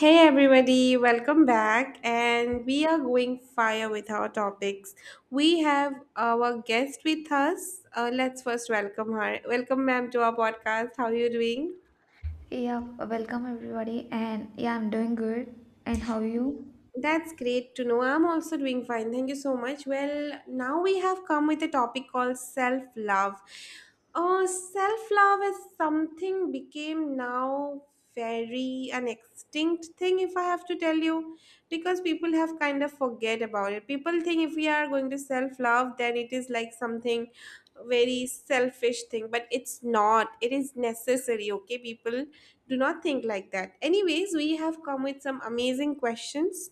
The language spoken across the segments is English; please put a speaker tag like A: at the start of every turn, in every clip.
A: Hey everybody, welcome back. And we are going fire with our topics. We have our guest with us. Let's first welcome her. Welcome, ma'am, to our podcast. How are you doing?
B: Yeah, welcome everybody, and yeah, I'm doing good. And how are you?
A: That's great to know. I'm also doing fine. Thank you so much. Well, now we have come with a topic called self love. Oh, self love is something became now very an extinct thing if I have to tell you because people have kind of forget about it. People think if we are going to self love then it is like something very selfish thing, but it's not, it is necessary. Okay, people do not think like that. Anyways, we have come with some amazing questions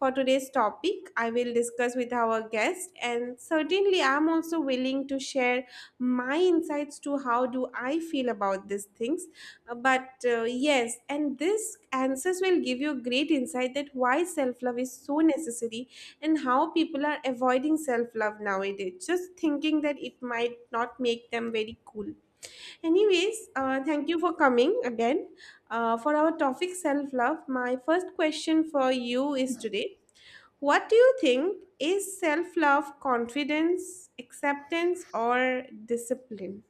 A: for today's topic. I will discuss with our guest, and certainly I'm also willing to share my insights to how do I feel about these things. But Yes, and this answers will give you great insight that why self love is so necessary and how people are avoiding self love nowadays just thinking that it might not make them very cool. Anyways, thank you for coming again for our topic self love. My first question for you is today, what do you think is self love? Confidence, acceptance, or discipline?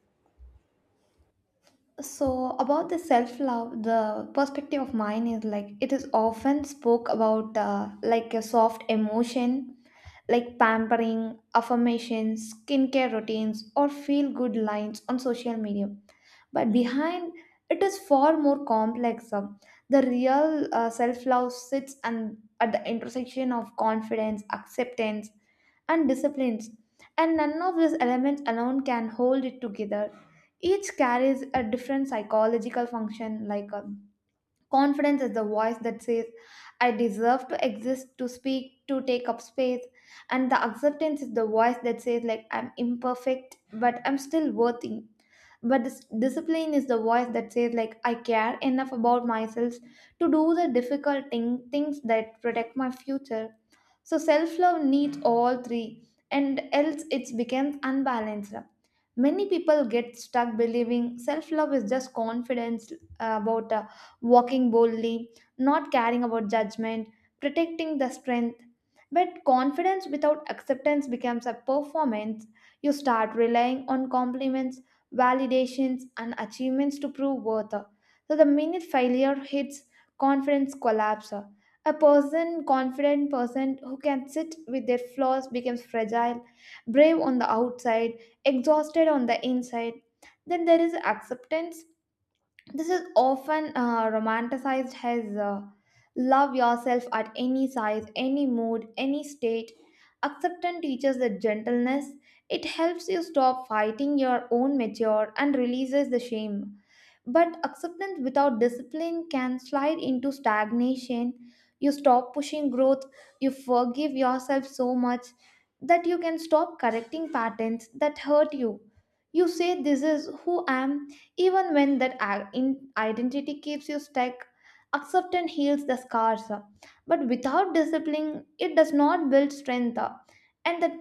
B: So, about the self love, the perspective of mine is like it is often spoke about like a soft emotion, like pampering, affirmations, skincare routines, or feel good lines on social media. But behind it is far more complex. The real self love sits and at the intersection of confidence, acceptance, and disciplines, and none of these elements alone can hold it together. Each carries a different psychological function, like confidence is the voice that says, I deserve to exist, to speak, to take up space. And the acceptance is the voice that says, like, I'm imperfect, but I'm still worthy. But this discipline is the voice that says, like, I care enough about myself to do the difficult thing, things that protect my future, so self love needs all three, and else it becomes unbalanced. Many people get stuck believing self love is just confidence about walking boldly, not caring about judgment, protecting the strength. But confidence without acceptance becomes a performance. You start relying on compliments, validations, and achievements to prove worth. So the minute failure hits, confidence collapses. A person, confident person who can sit with their flaws becomes fragile, brave on the outside, exhausted on the inside. Then there is acceptance. This is often romanticized as love yourself at any size, any mood, any state. Acceptance teaches the gentleness. It helps you stop fighting your own mature and releases the shame. But acceptance without discipline can slide into stagnation. You stop pushing growth, you forgive yourself so much that you can stop correcting patterns that hurt you. You say, this is who I am, even when that identity keeps you stuck. Acceptance heals the scars, but without discipline, it does not build strength. And that,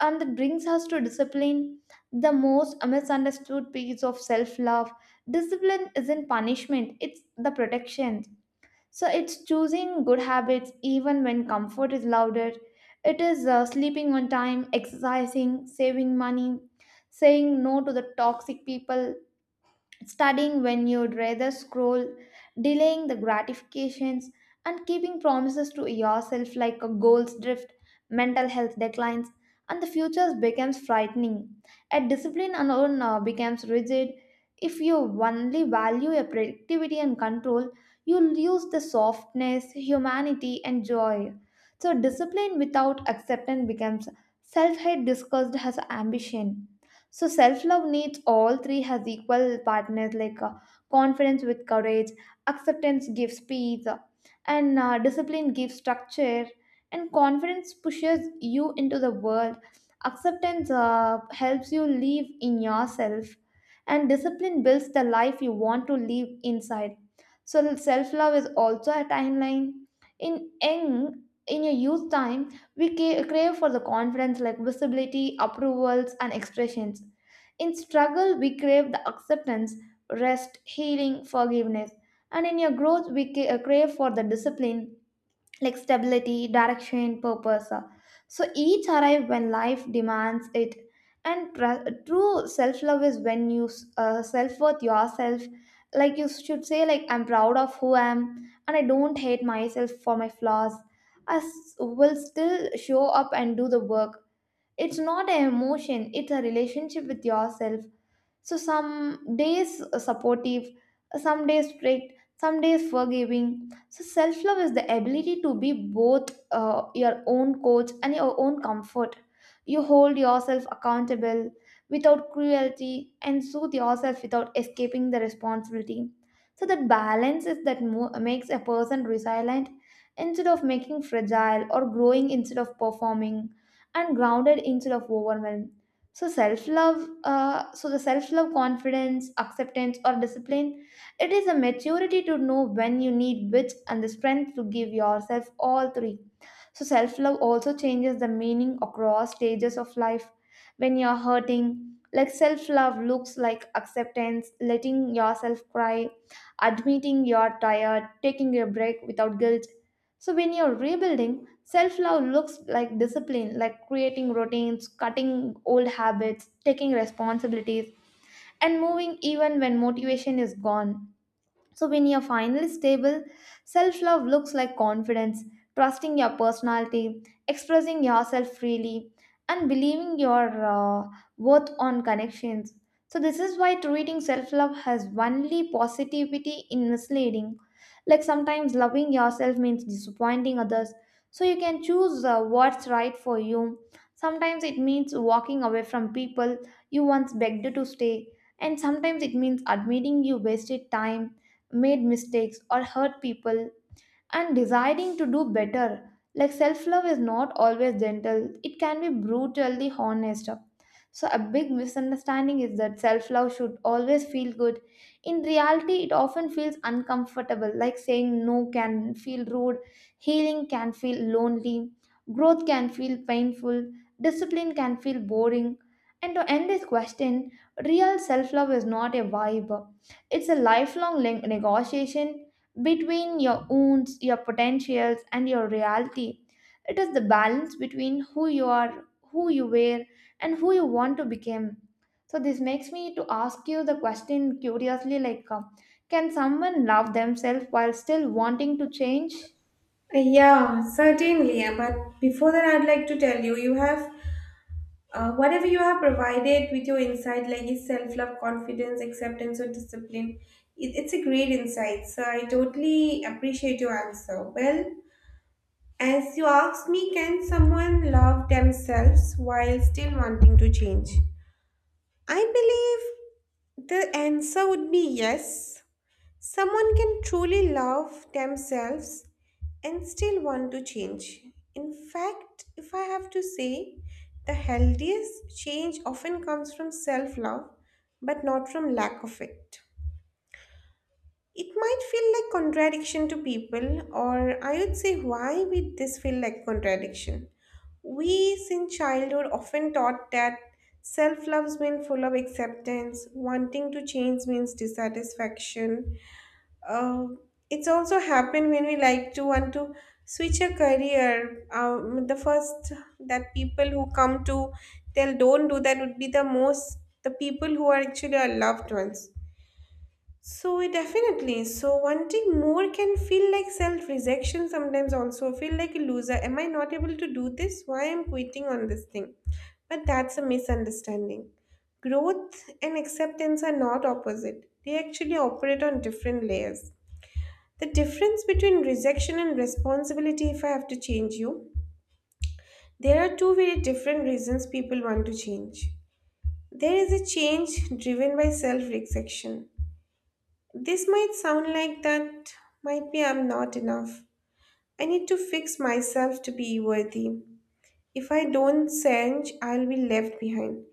B: and that brings us to discipline, the most misunderstood piece of self love. Discipline isn't punishment, it's the protection. So it's choosing good habits even when comfort is louder. It is sleeping on time, exercising, saving money, saying no to the toxic people, studying when you'd rather scroll, delaying the gratifications, and keeping promises to yourself, like a goals drift, mental health declines, and the future becomes frightening. A discipline alone becomes rigid. If you only value your productivity and control, you lose the softness, humanity, and joy. So, discipline without acceptance becomes self hate discussed as ambition. So self love needs all three has equal partners, like confidence with courage, acceptance gives peace, and discipline gives structure, and confidence pushes you into the world. Acceptance helps you live in yourself, and discipline builds the life you want to live inside. So self love is also a timeline. In young, in your youth time, we crave for the confidence, like visibility, approvals, and expressions. In struggle, we crave the acceptance, rest, healing, forgiveness. And in your growth, we crave for the discipline, like stability, direction, purpose. So each arrive when life demands it. And true self love is when you self worth yourself. Like you should say, like I'm proud of who I am, and I don't hate myself for my flaws. I will still show up and do the work. It's not an emotion; it's a relationship with yourself. So some days supportive, some days strict, some days forgiving. So self love is the ability to be both your own coach and your own comfort. You hold yourself accountable without cruelty and soothe yourself without escaping the responsibility. So that balance makes a person resilient instead of making fragile, or growing instead of performing, and grounded instead of overwhelmed. So self love, so the self love confidence acceptance or discipline, it is a maturity to know when you need which and the strength to give yourself all three. So self love also changes the meaning across stages of life. When you're hurting, like, self love looks like acceptance, letting yourself cry, admitting you're tired, taking a break without guilt. So when you're rebuilding, self love looks like discipline, like creating routines, cutting old habits, taking responsibilities, and moving even when motivation is gone. So, when you're finally stable, self love looks like confidence, trusting your personality, expressing yourself freely, and believing your worth on connections. So, this is why treating self love has only positivity in misleading. Like sometimes loving yourself means disappointing others. So, you can choose what's right for you. Sometimes it means walking away from people you once begged to stay. And sometimes it means admitting you wasted time, made mistakes, or hurt people, and deciding to do better. Like, self love is not always gentle, it can be brutally honest. So, a big misunderstanding is that self love should always feel good. In reality, it often feels uncomfortable, like saying no can feel rude, healing can feel lonely, growth can feel painful, discipline can feel boring. And to end this question, real self love is not a vibe, it's a lifelong negotiation between your wounds, your potentials, and your reality. It is the balance between who you are, who you were, and who you want to become. So this makes me to ask you the question curiously, like, can someone love themselves while still wanting to change?
A: Yeah, certainly. But before that, I'd like to tell you, you have whatever you have provided with your insight, like is self love, confidence, acceptance, or discipline. It's a great insight. So I totally appreciate your answer. Well, as you asked me, can someone love themselves while still wanting to change? I believe the answer would be yes. Someone can truly love themselves and still want to change. In fact, if I have to say, the healthiest change often comes from self love, but not from lack of it. It might feel like contradiction to people, or I would say, why would this feel like contradiction? We, since childhood, often taught that self love means full of acceptance, wanting to change means dissatisfaction. Uh, it's also happened when we like to want to switch a career. The first that people who come to tell don't do that would be the most the people who are actually our loved ones, so it definitely. So wanting more can feel like self-rejection sometimes also. Feel like a loser. Am I not able to do this? Why am I quitting on this thing? But that's a misunderstanding. Growth and acceptance are not opposite. They actually operate on different layers. The difference between rejection and responsibility, if I have to change you, there are two very different reasons people want to change. There is a change driven by self rejection. This might sound like that, might be I'm not enough. I need to fix myself to be worthy. If I don't change, I'll be left behind.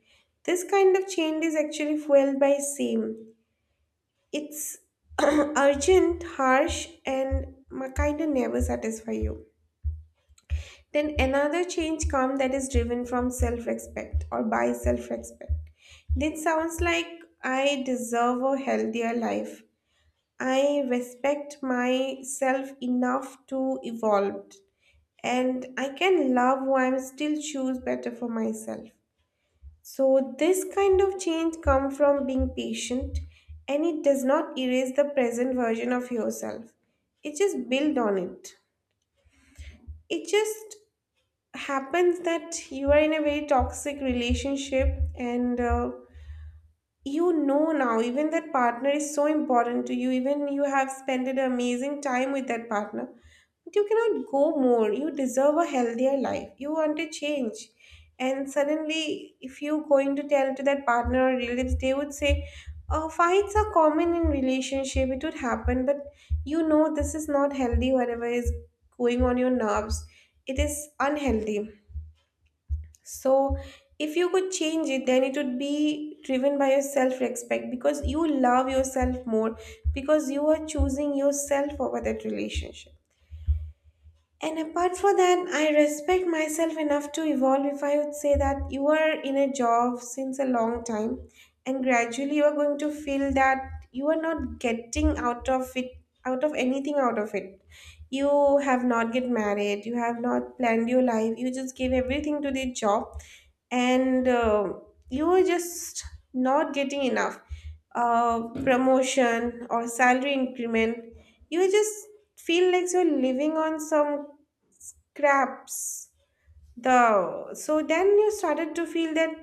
A: This kind of change is actually fueled by shame. It's urgent, harsh, and kind of never satisfy you. Then another change comes that is driven from self respect or by self respect. This sounds like I deserve a healthier life. I respect myself enough to evolve, and I can love who I'm still choose better for myself. So this kind of change come from being patient, and it does not erase the present version of yourself. It just build on it. It just happens that you are in a very toxic relationship, and you know now even that partner is so important to you, even you have spent an amazing time with that partner. You cannot go more. You deserve a healthier life. You want to change. And suddenly, if you're going to tell to that partner or relatives, they would say, oh, fights are common in relationship. It would happen. But you know this is not healthy, whatever is going on your nerves. It is unhealthy. So if you could change it, then it would be driven by your self-respect because you love yourself more, because you are choosing yourself over that relationship. And apart from that, I respect myself enough to evolve. If I would say that you are in a job since a long time and gradually you are going to feel that you are not getting out of it, out of anything out of it. You have not get married, you have not planned your life, you just gave everything to the job, and you are just not getting enough promotion or salary increment. You just feel like you're living on some Crabs. The so then you started to feel that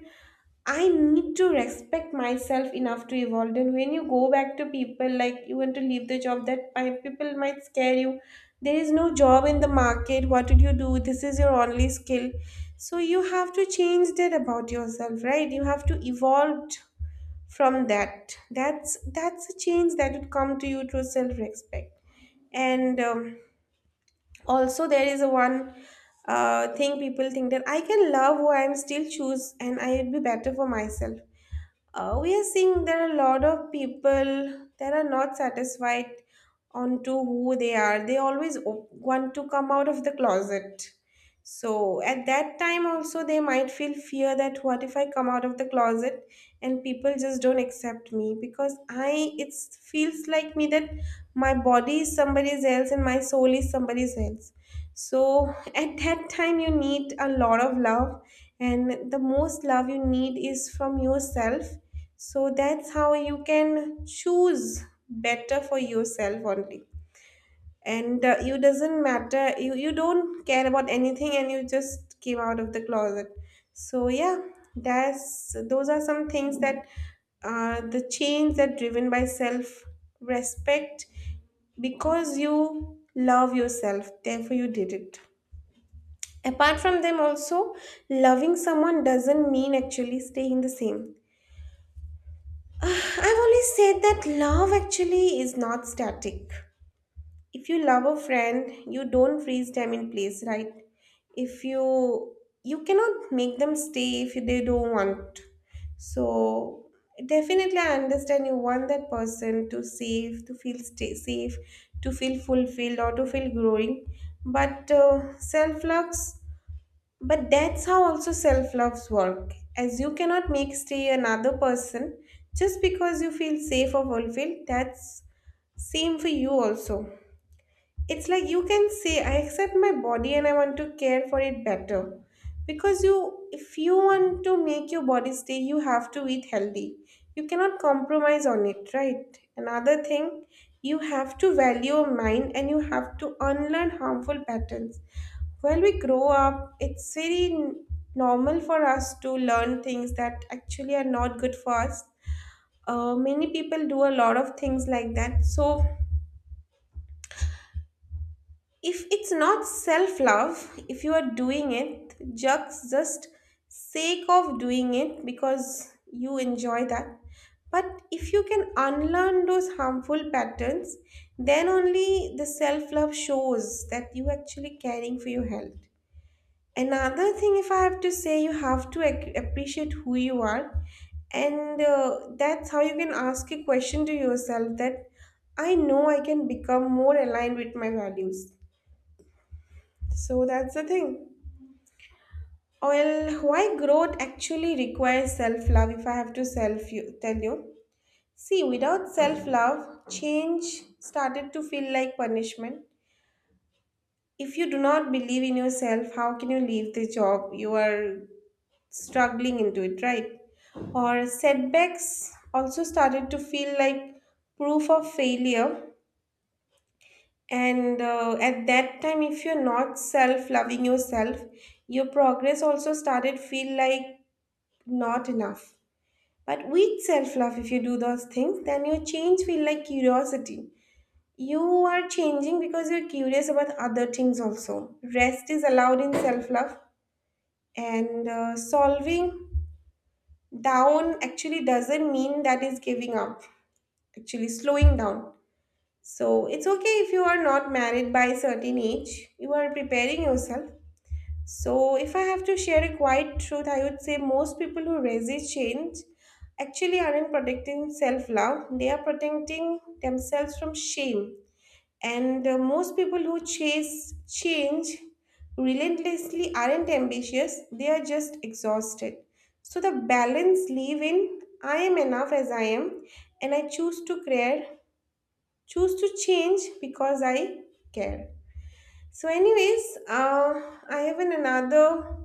A: I need to respect myself enough to evolve. And when you go back to people like you want to leave the job, that people might scare you. There is no job in the market. What did you do? This is your only skill. So you have to change that about yourself, right? You have to evolve from that. That's a change that would come to you through self respect and. Also there is a one thing people think that I can love who I'm still choose and I would be better for myself. We are seeing there are a lot of people that are not satisfied onto who they are. They always want to come out of the closet. So at that time also they might feel fear that what if I come out of the closet and people just don't accept me, because I it feels like me that my body is somebody's else and my soul is somebody's else. So at that time, you need a lot of love, and the most love you need is from yourself. So that's how you can choose better for yourself only. And you doesn't matter, you don't care about anything, and you just came out of the closet. So, yeah, that's those are some things that the change that driven by self respect, because you love yourself, therefore, you did it. Apart from them, also, loving someone doesn't mean actually staying the same. Ah, I've always said that love actually is not static. If you love a friend, you don't freeze them in place, right? If you cannot make them stay if they don't want. So definitely, I understand you want that person to save, to feel stay safe, to feel fulfilled, or to feel growing. But self love but that's how also self loves work, as you cannot make stay another person just because you feel safe or fulfilled. That's same for you also. It's like you can say, I accept my body and I want to care for it better. Because you, if you want to make your body stay, you have to eat healthy. You cannot compromise on it, right? Another thing, you have to value your mind and you have to unlearn harmful patterns. When we grow up, it's very normal for us to learn things that actually are not good for us. Many people do a lot of things like that. So, if it's not self love, if you are doing it just sake of doing it because you enjoy that, but if you can unlearn those harmful patterns, then only the self love shows that you actually caring for your health. Another thing, if I have to say, you have to appreciate who you are, and that's how you can ask a question to yourself that I know I can become more aligned with my values. So that's the thing. Well, why growth actually requires self love, if I have to tell you. See, without self love, change started to feel like punishment. If you do not believe in yourself, how can you leave the job you are struggling into it, right? Or setbacks also started to feel like proof of failure. And at that time, if you're not self loving yourself, your progress also started feel like not enough. But with self love, if you do those things, then your change feel like curiosity. You are changing because you're curious about other things also. Rest is allowed in self love, and solving down actually doesn't mean that is giving up, actually slowing down. So it's okay if you are not married by a certain age, you are preparing yourself. So if I have to share a quiet truth, I would say most people who resist change actually aren't protecting self love, they are protecting themselves from shame. And most people who chase change relentlessly aren't ambitious, they are just exhausted. So the balance live in I am enough as I am, and I choose to care, choose to change because I care. So, anyways, I have an another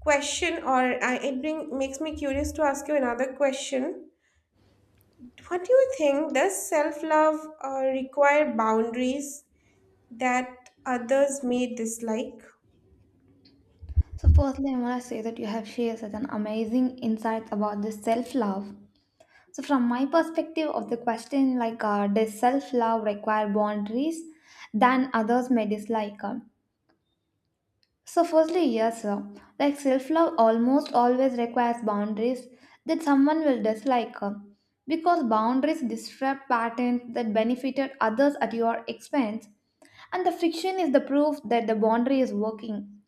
A: question, or it makes me curious to ask you another question. What do you think? Does self love require boundaries? That others may dislike?
B: So firstly, I want to say that you have shared such an amazing insights about this self-love. So from my perspective of the question, like, does self-love require boundaries than others may dislike? So, firstly, yes, like self love almost always requires boundaries that someone will dislike, because boundaries disrupt patterns that benefited others at your expense, and the friction is the proof that the boundary is working.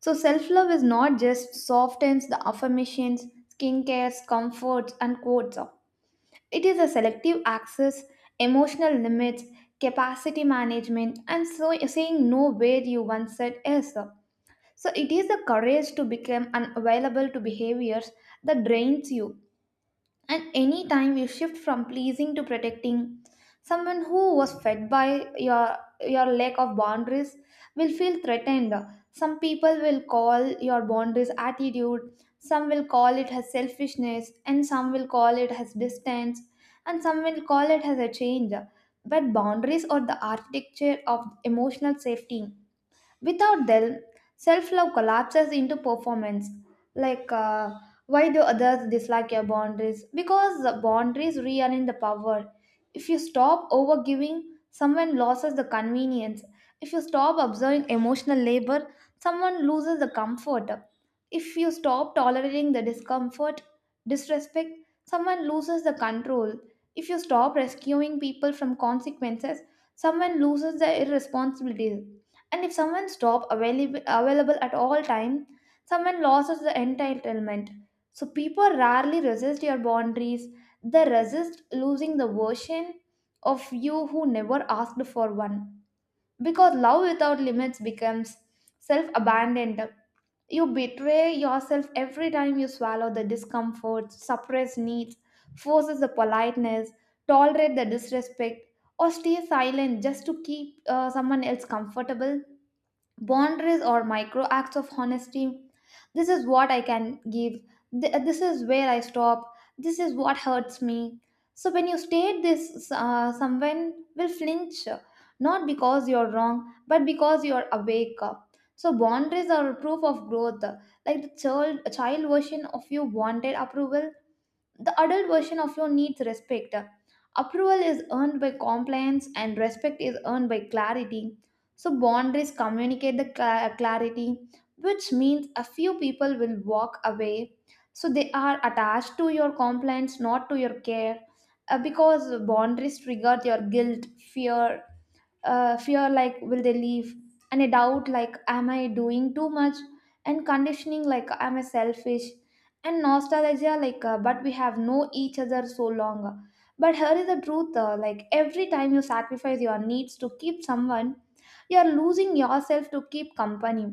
B: So, self love is not just softens the affirmations, skincare, comforts, and quotes. It is a selective access, emotional limits, capacity management, and so saying no where you once said yes. So it is the courage to become unavailable to behaviors that drains you. And any time you shift from pleasing to protecting, someone who was fed by your your lack of boundaries will feel threatened. Some people will call your boundaries attitude, some will call it as selfishness, and some will call it as distance, and some will call it as a change. But boundaries are the architecture of emotional safety. Without them, self love collapses into performance. Like, why do others dislike your boundaries? Because the boundaries realign the power. If you stop over giving, someone loses the convenience. If you stop observing emotional labor, someone loses the comfort. If you stop tolerating the discomfort, disrespect, someone loses the control. If you stop rescuing people from consequences, someone loses their irresponsibilities. And if someone stop available at all time, someone loses the entitlement. So people rarely resist your boundaries, they resist losing the version of you who never asked for one, because love without limits becomes self abandoned. You betray yourself every time you swallow the discomfort, suppress needs, forces the politeness, tolerate the disrespect, or stay silent just to keep someone else comfortable. Boundaries or micro acts of honesty. This is what I can give. This is where I stop, this is what hurts me. So when you state this, someone will flinch, not because you're wrong but because you're awake. So boundaries are a proof of growth. Like, the child version of you wanted approval, the adult version of law needs respect. Approval is earned by compliance and respect is earned by clarity. So boundaries communicate the clarity, which means a few people will walk away. So they are attached to your compliance, not to your care, because boundaries trigger your guilt, fear, fear like will they leave, and a doubt like am I doing too much, and conditioning like am I selfish, and nostalgia like, but we have known each other so long. But here is the truth, like every time you sacrifice your needs to keep someone, you are losing yourself to keep company.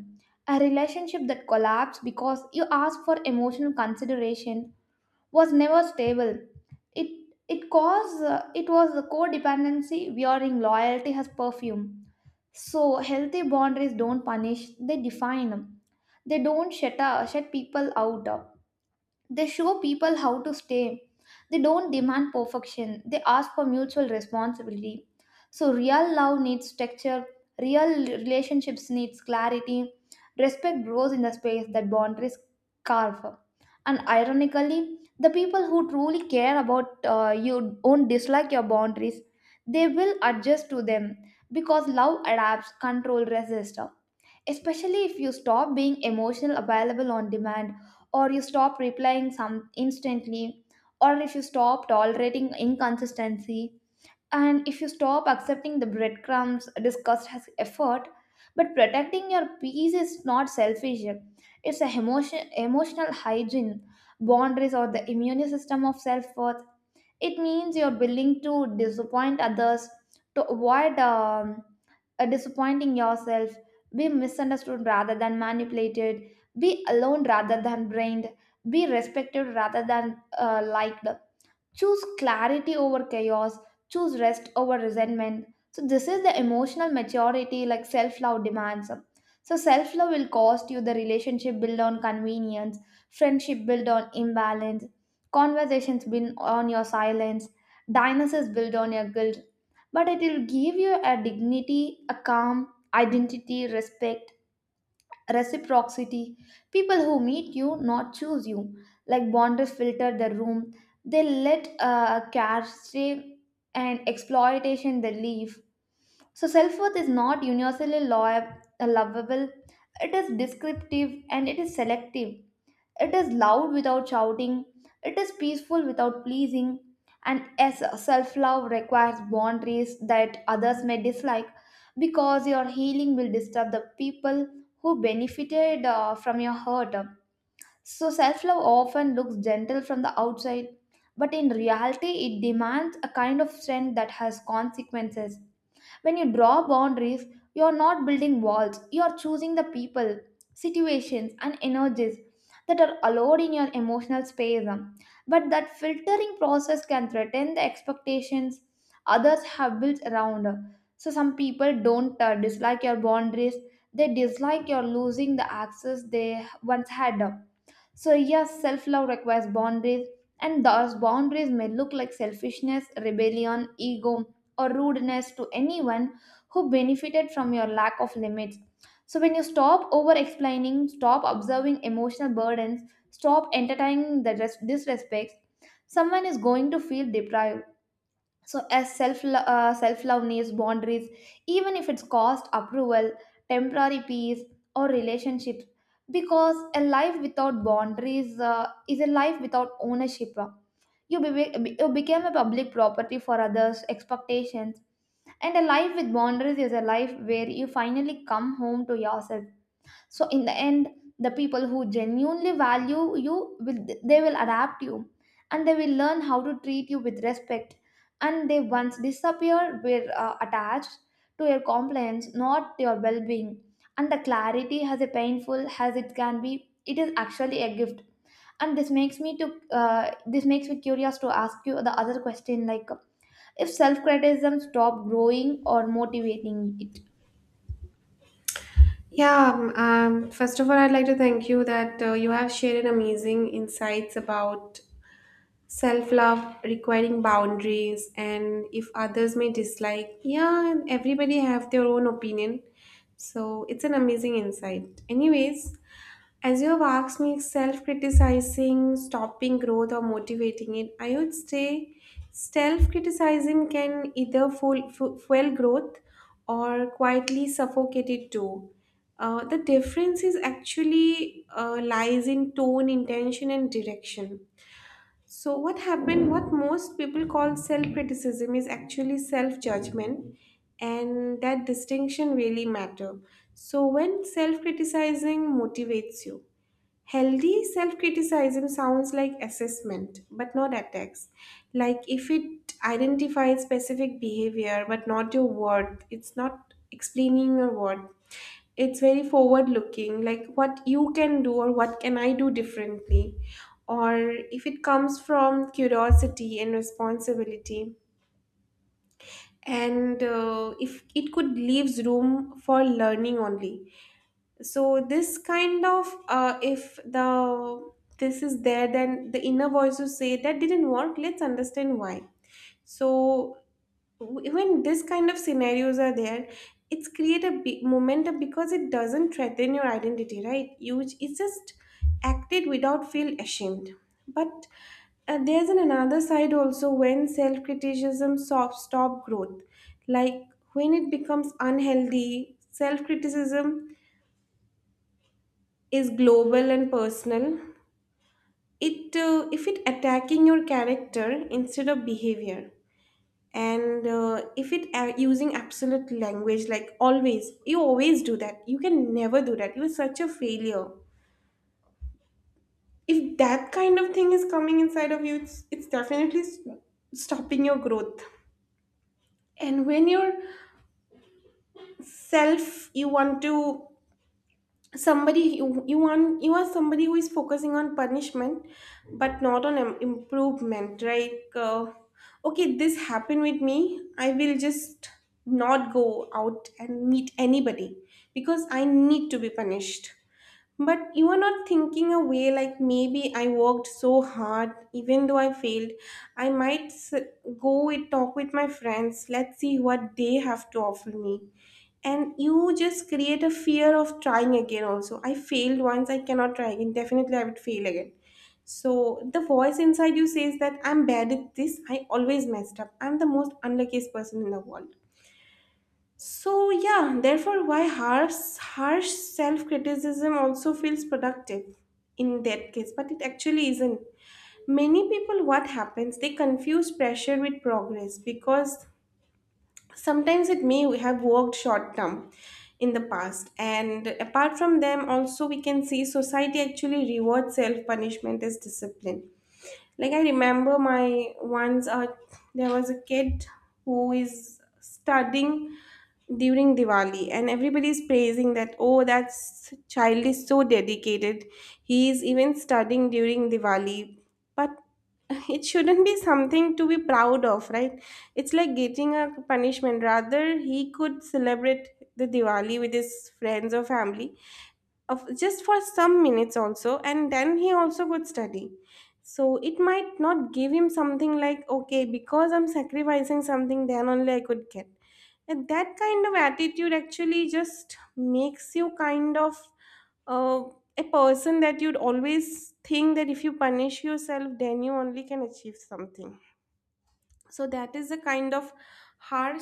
B: A relationship that collapsed because you ask for emotional consideration was never stable. It it was the codependency wearing loyalty as perfume. So healthy boundaries don't punish; they define. They don't shut people out. They show people how to stay. They don't demand perfection, they ask for mutual responsibility. So, real love needs structure, real relationships needs clarity. Respect grows in the space that boundaries carve. And ironically, the people who truly care about you won't dislike your boundaries. They will adjust to them because love adapts, control resists, especially if you stop being emotional available on demand, or you stop replying some instantly, or if you stop tolerating inconsistency, and if you stop accepting the breadcrumbs discussed as effort. But protecting your peace is not selfish, it's a emotional hygiene. Boundaries or the immune system of self-worth. It means you're willing to disappoint others to avoid disappointing yourself, be misunderstood rather than manipulated, be alone rather than brained, be respected rather than liked, choose clarity over chaos, choose rest over resentment. So this is the emotional maturity like self love demands. So self love will cost you the relationship built on convenience, friendship built on imbalance, conversations built on your silence, dynasties built on your guilt, but it will give you a dignity, a calm, identity, respect, reciprocity, people who meet you not choose you, like bonders filter the room. They let save and exploitation they leave. So self-worth is not universally lovable, it is descriptive and it is selective. It is loud without shouting, it is peaceful without pleasing, and as self love requires boundaries that others may dislike because your healing will disturb the people who benefited from your hurt. So, self love often looks gentle from the outside, but in reality, it demands a kind of strength that has consequences. When you draw boundaries, you're not building walls, you're choosing the people, situations, and energies that are allowed in your emotional space. But that filtering process can threaten the expectations others have built around. So, some people don't dislike your boundaries, they dislike your losing the access they once had. So, yes, self love requires boundaries, and those boundaries may look like selfishness, rebellion, ego, or rudeness to anyone who benefited from your lack of limits. So, when you stop over explaining, stop observing emotional burdens, stop entertaining the disrespects, someone is going to feel deprived. So as self love needs boundaries, even if it's cost approval, temporary peace, or relationships, because a life without boundaries is a life without ownership. You became a public property for others expectations, and a life with boundaries is a life where you finally come home to yourself. So in the end, the people who genuinely value you will, they will adapt you, and they will learn how to treat you with respect, and they once disappear were attached to your complaints, not your well-being. And the clarity has a painful as it can be, it is actually a gift. And this makes me to this makes me curious to ask you the other question, like if self-criticism stopped growing or motivating it.
A: Yeah, first of all, I'd like to thank you that you have shared amazing insights about self love requiring boundaries and if others may dislike. Yeah, and everybody have their own opinion. So it's an amazing insight. Anyways, as you have asked me, self criticizing, stopping growth, or motivating it, I would say self criticizing can either fuel growth or quietly suffocate it too. The difference is actually lies in tone, intention, and direction. So, what happened, what most people call self criticism is actually self judgment, and that distinction really matter. So, when self criticizing motivates you, healthy self criticism sounds like assessment, but not attacks. Like if it identifies specific behavior but not your worth, it's not explaining your worth. It's very forward looking, like what you can do or what can I do differently. Or if it comes from curiosity and responsibility, and if it could leaves room for learning only. So this kind of if the this is there, then the inner voices say that didn't work, let's understand why. So when this kind of scenarios are there, it's create a big momentum because it doesn't threaten your identity, right? You, it's just acted without feel ashamed. But there's an another side also when self-criticism stop growth. Like when it becomes unhealthy self-criticism, is global and personal. It, if it attacking your character instead of behavior, and if it using absolute language like always, you always do that, you can never do that, you're such a failure. If that kind of thing is coming inside of you, it's definitely stopping your growth. And when you're self, you want to somebody, you want, you are somebody who is focusing on punishment but not on improvement. Like okay, this happened with me, I will just not go out and meet anybody because I need to be punished. But you are not thinking away like, maybe I worked so hard, even though I failed. I might go and talk with my friends. Let's see what they have to offer me. And you just create a fear of trying again, also. I failed once, I cannot try again. Definitely, I would fail again. So the voice inside you says that I'm bad at this, I always messed up, I'm the most unluckiest person in the world. So, yeah, therefore, why harsh self criticism also feels productive in that case, but it actually isn't. Many people, what happens, they confuse pressure with progress, because sometimes it may have worked short term in the past. And apart from them, also, we can see society actually rewards self punishment as discipline. Like I remember my once there was a kid who is studying during Diwali, and everybody is praising that, oh, that child is so dedicated, he is even studying during Diwali. But it shouldn't be something to be proud of, right? It's like getting a punishment. Rather he could celebrate the Diwali with his friends or family of just for some minutes also, and then he also could study. So it might not give him something like, okay, because I'm sacrificing something then only I could get. And that kind of attitude actually just makes you kind of uh, a person that you'd always think that if you punish yourself, then you only can achieve something. So that is a kind of harsh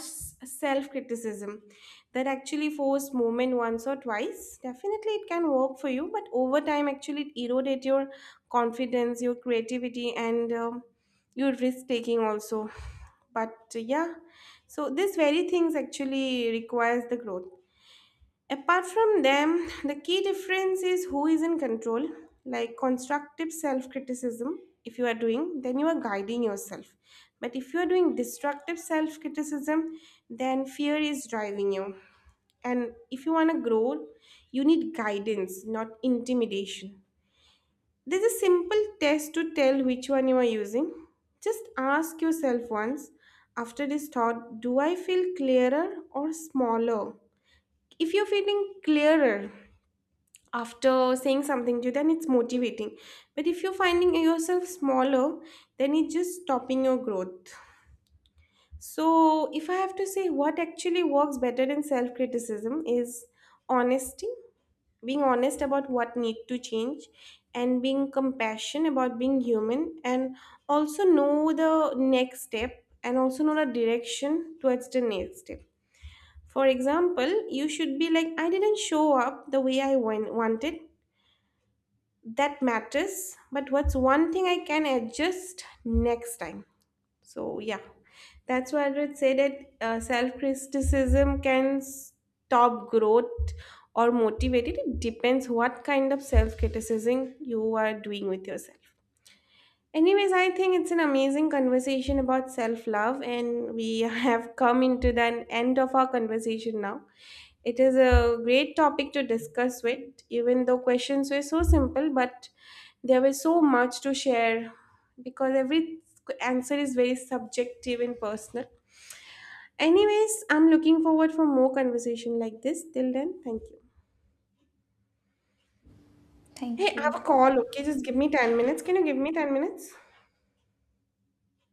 A: self criticism that actually forced movement. Once or twice definitely it can work for you, but over time actually it eroded your confidence, your creativity, and your risk taking also. But yeah, so this very things actually requires the growth. Apart from them, the key difference is who is in control, like constructive self criticism. If you are doing, then you are guiding yourself. But if you are doing destructive self criticism, then fear is driving you. And if you want to grow, you need guidance, not intimidation. There's a simple test to tell which one you are using. Just ask yourself once, after this thought, do I feel clearer or smaller? If you're feeling clearer after saying something to you, then it's motivating. But if you're finding yourself smaller, then it's just stopping your growth. So if I have to say what actually works better in self criticism is honesty, being honest about what need to change, and being compassion about being human, and also know the next step, and also know the direction towards the next step. For example, you should be like, I didn't show up the way I wanted, that matters, but what's one thing I can adjust next time? So yeah, that's why I would say that self-criticism can stop growth or motivate it. It depends what kind of self-criticism you are doing with yourself. Anyways, I think it's an amazing conversation about self love, and we have come into the end of our conversation now. It is a great topic to discuss with, even though questions were so simple, but there was so much to share, because every answer is very subjective and personal. Anyways, I'm looking forward for more conversation like this. Till then, thank you. Hey,
B: Thank
A: I have a
B: you.
A: call, okay? Just give me 10 minutes. Can you give me 10 minutes?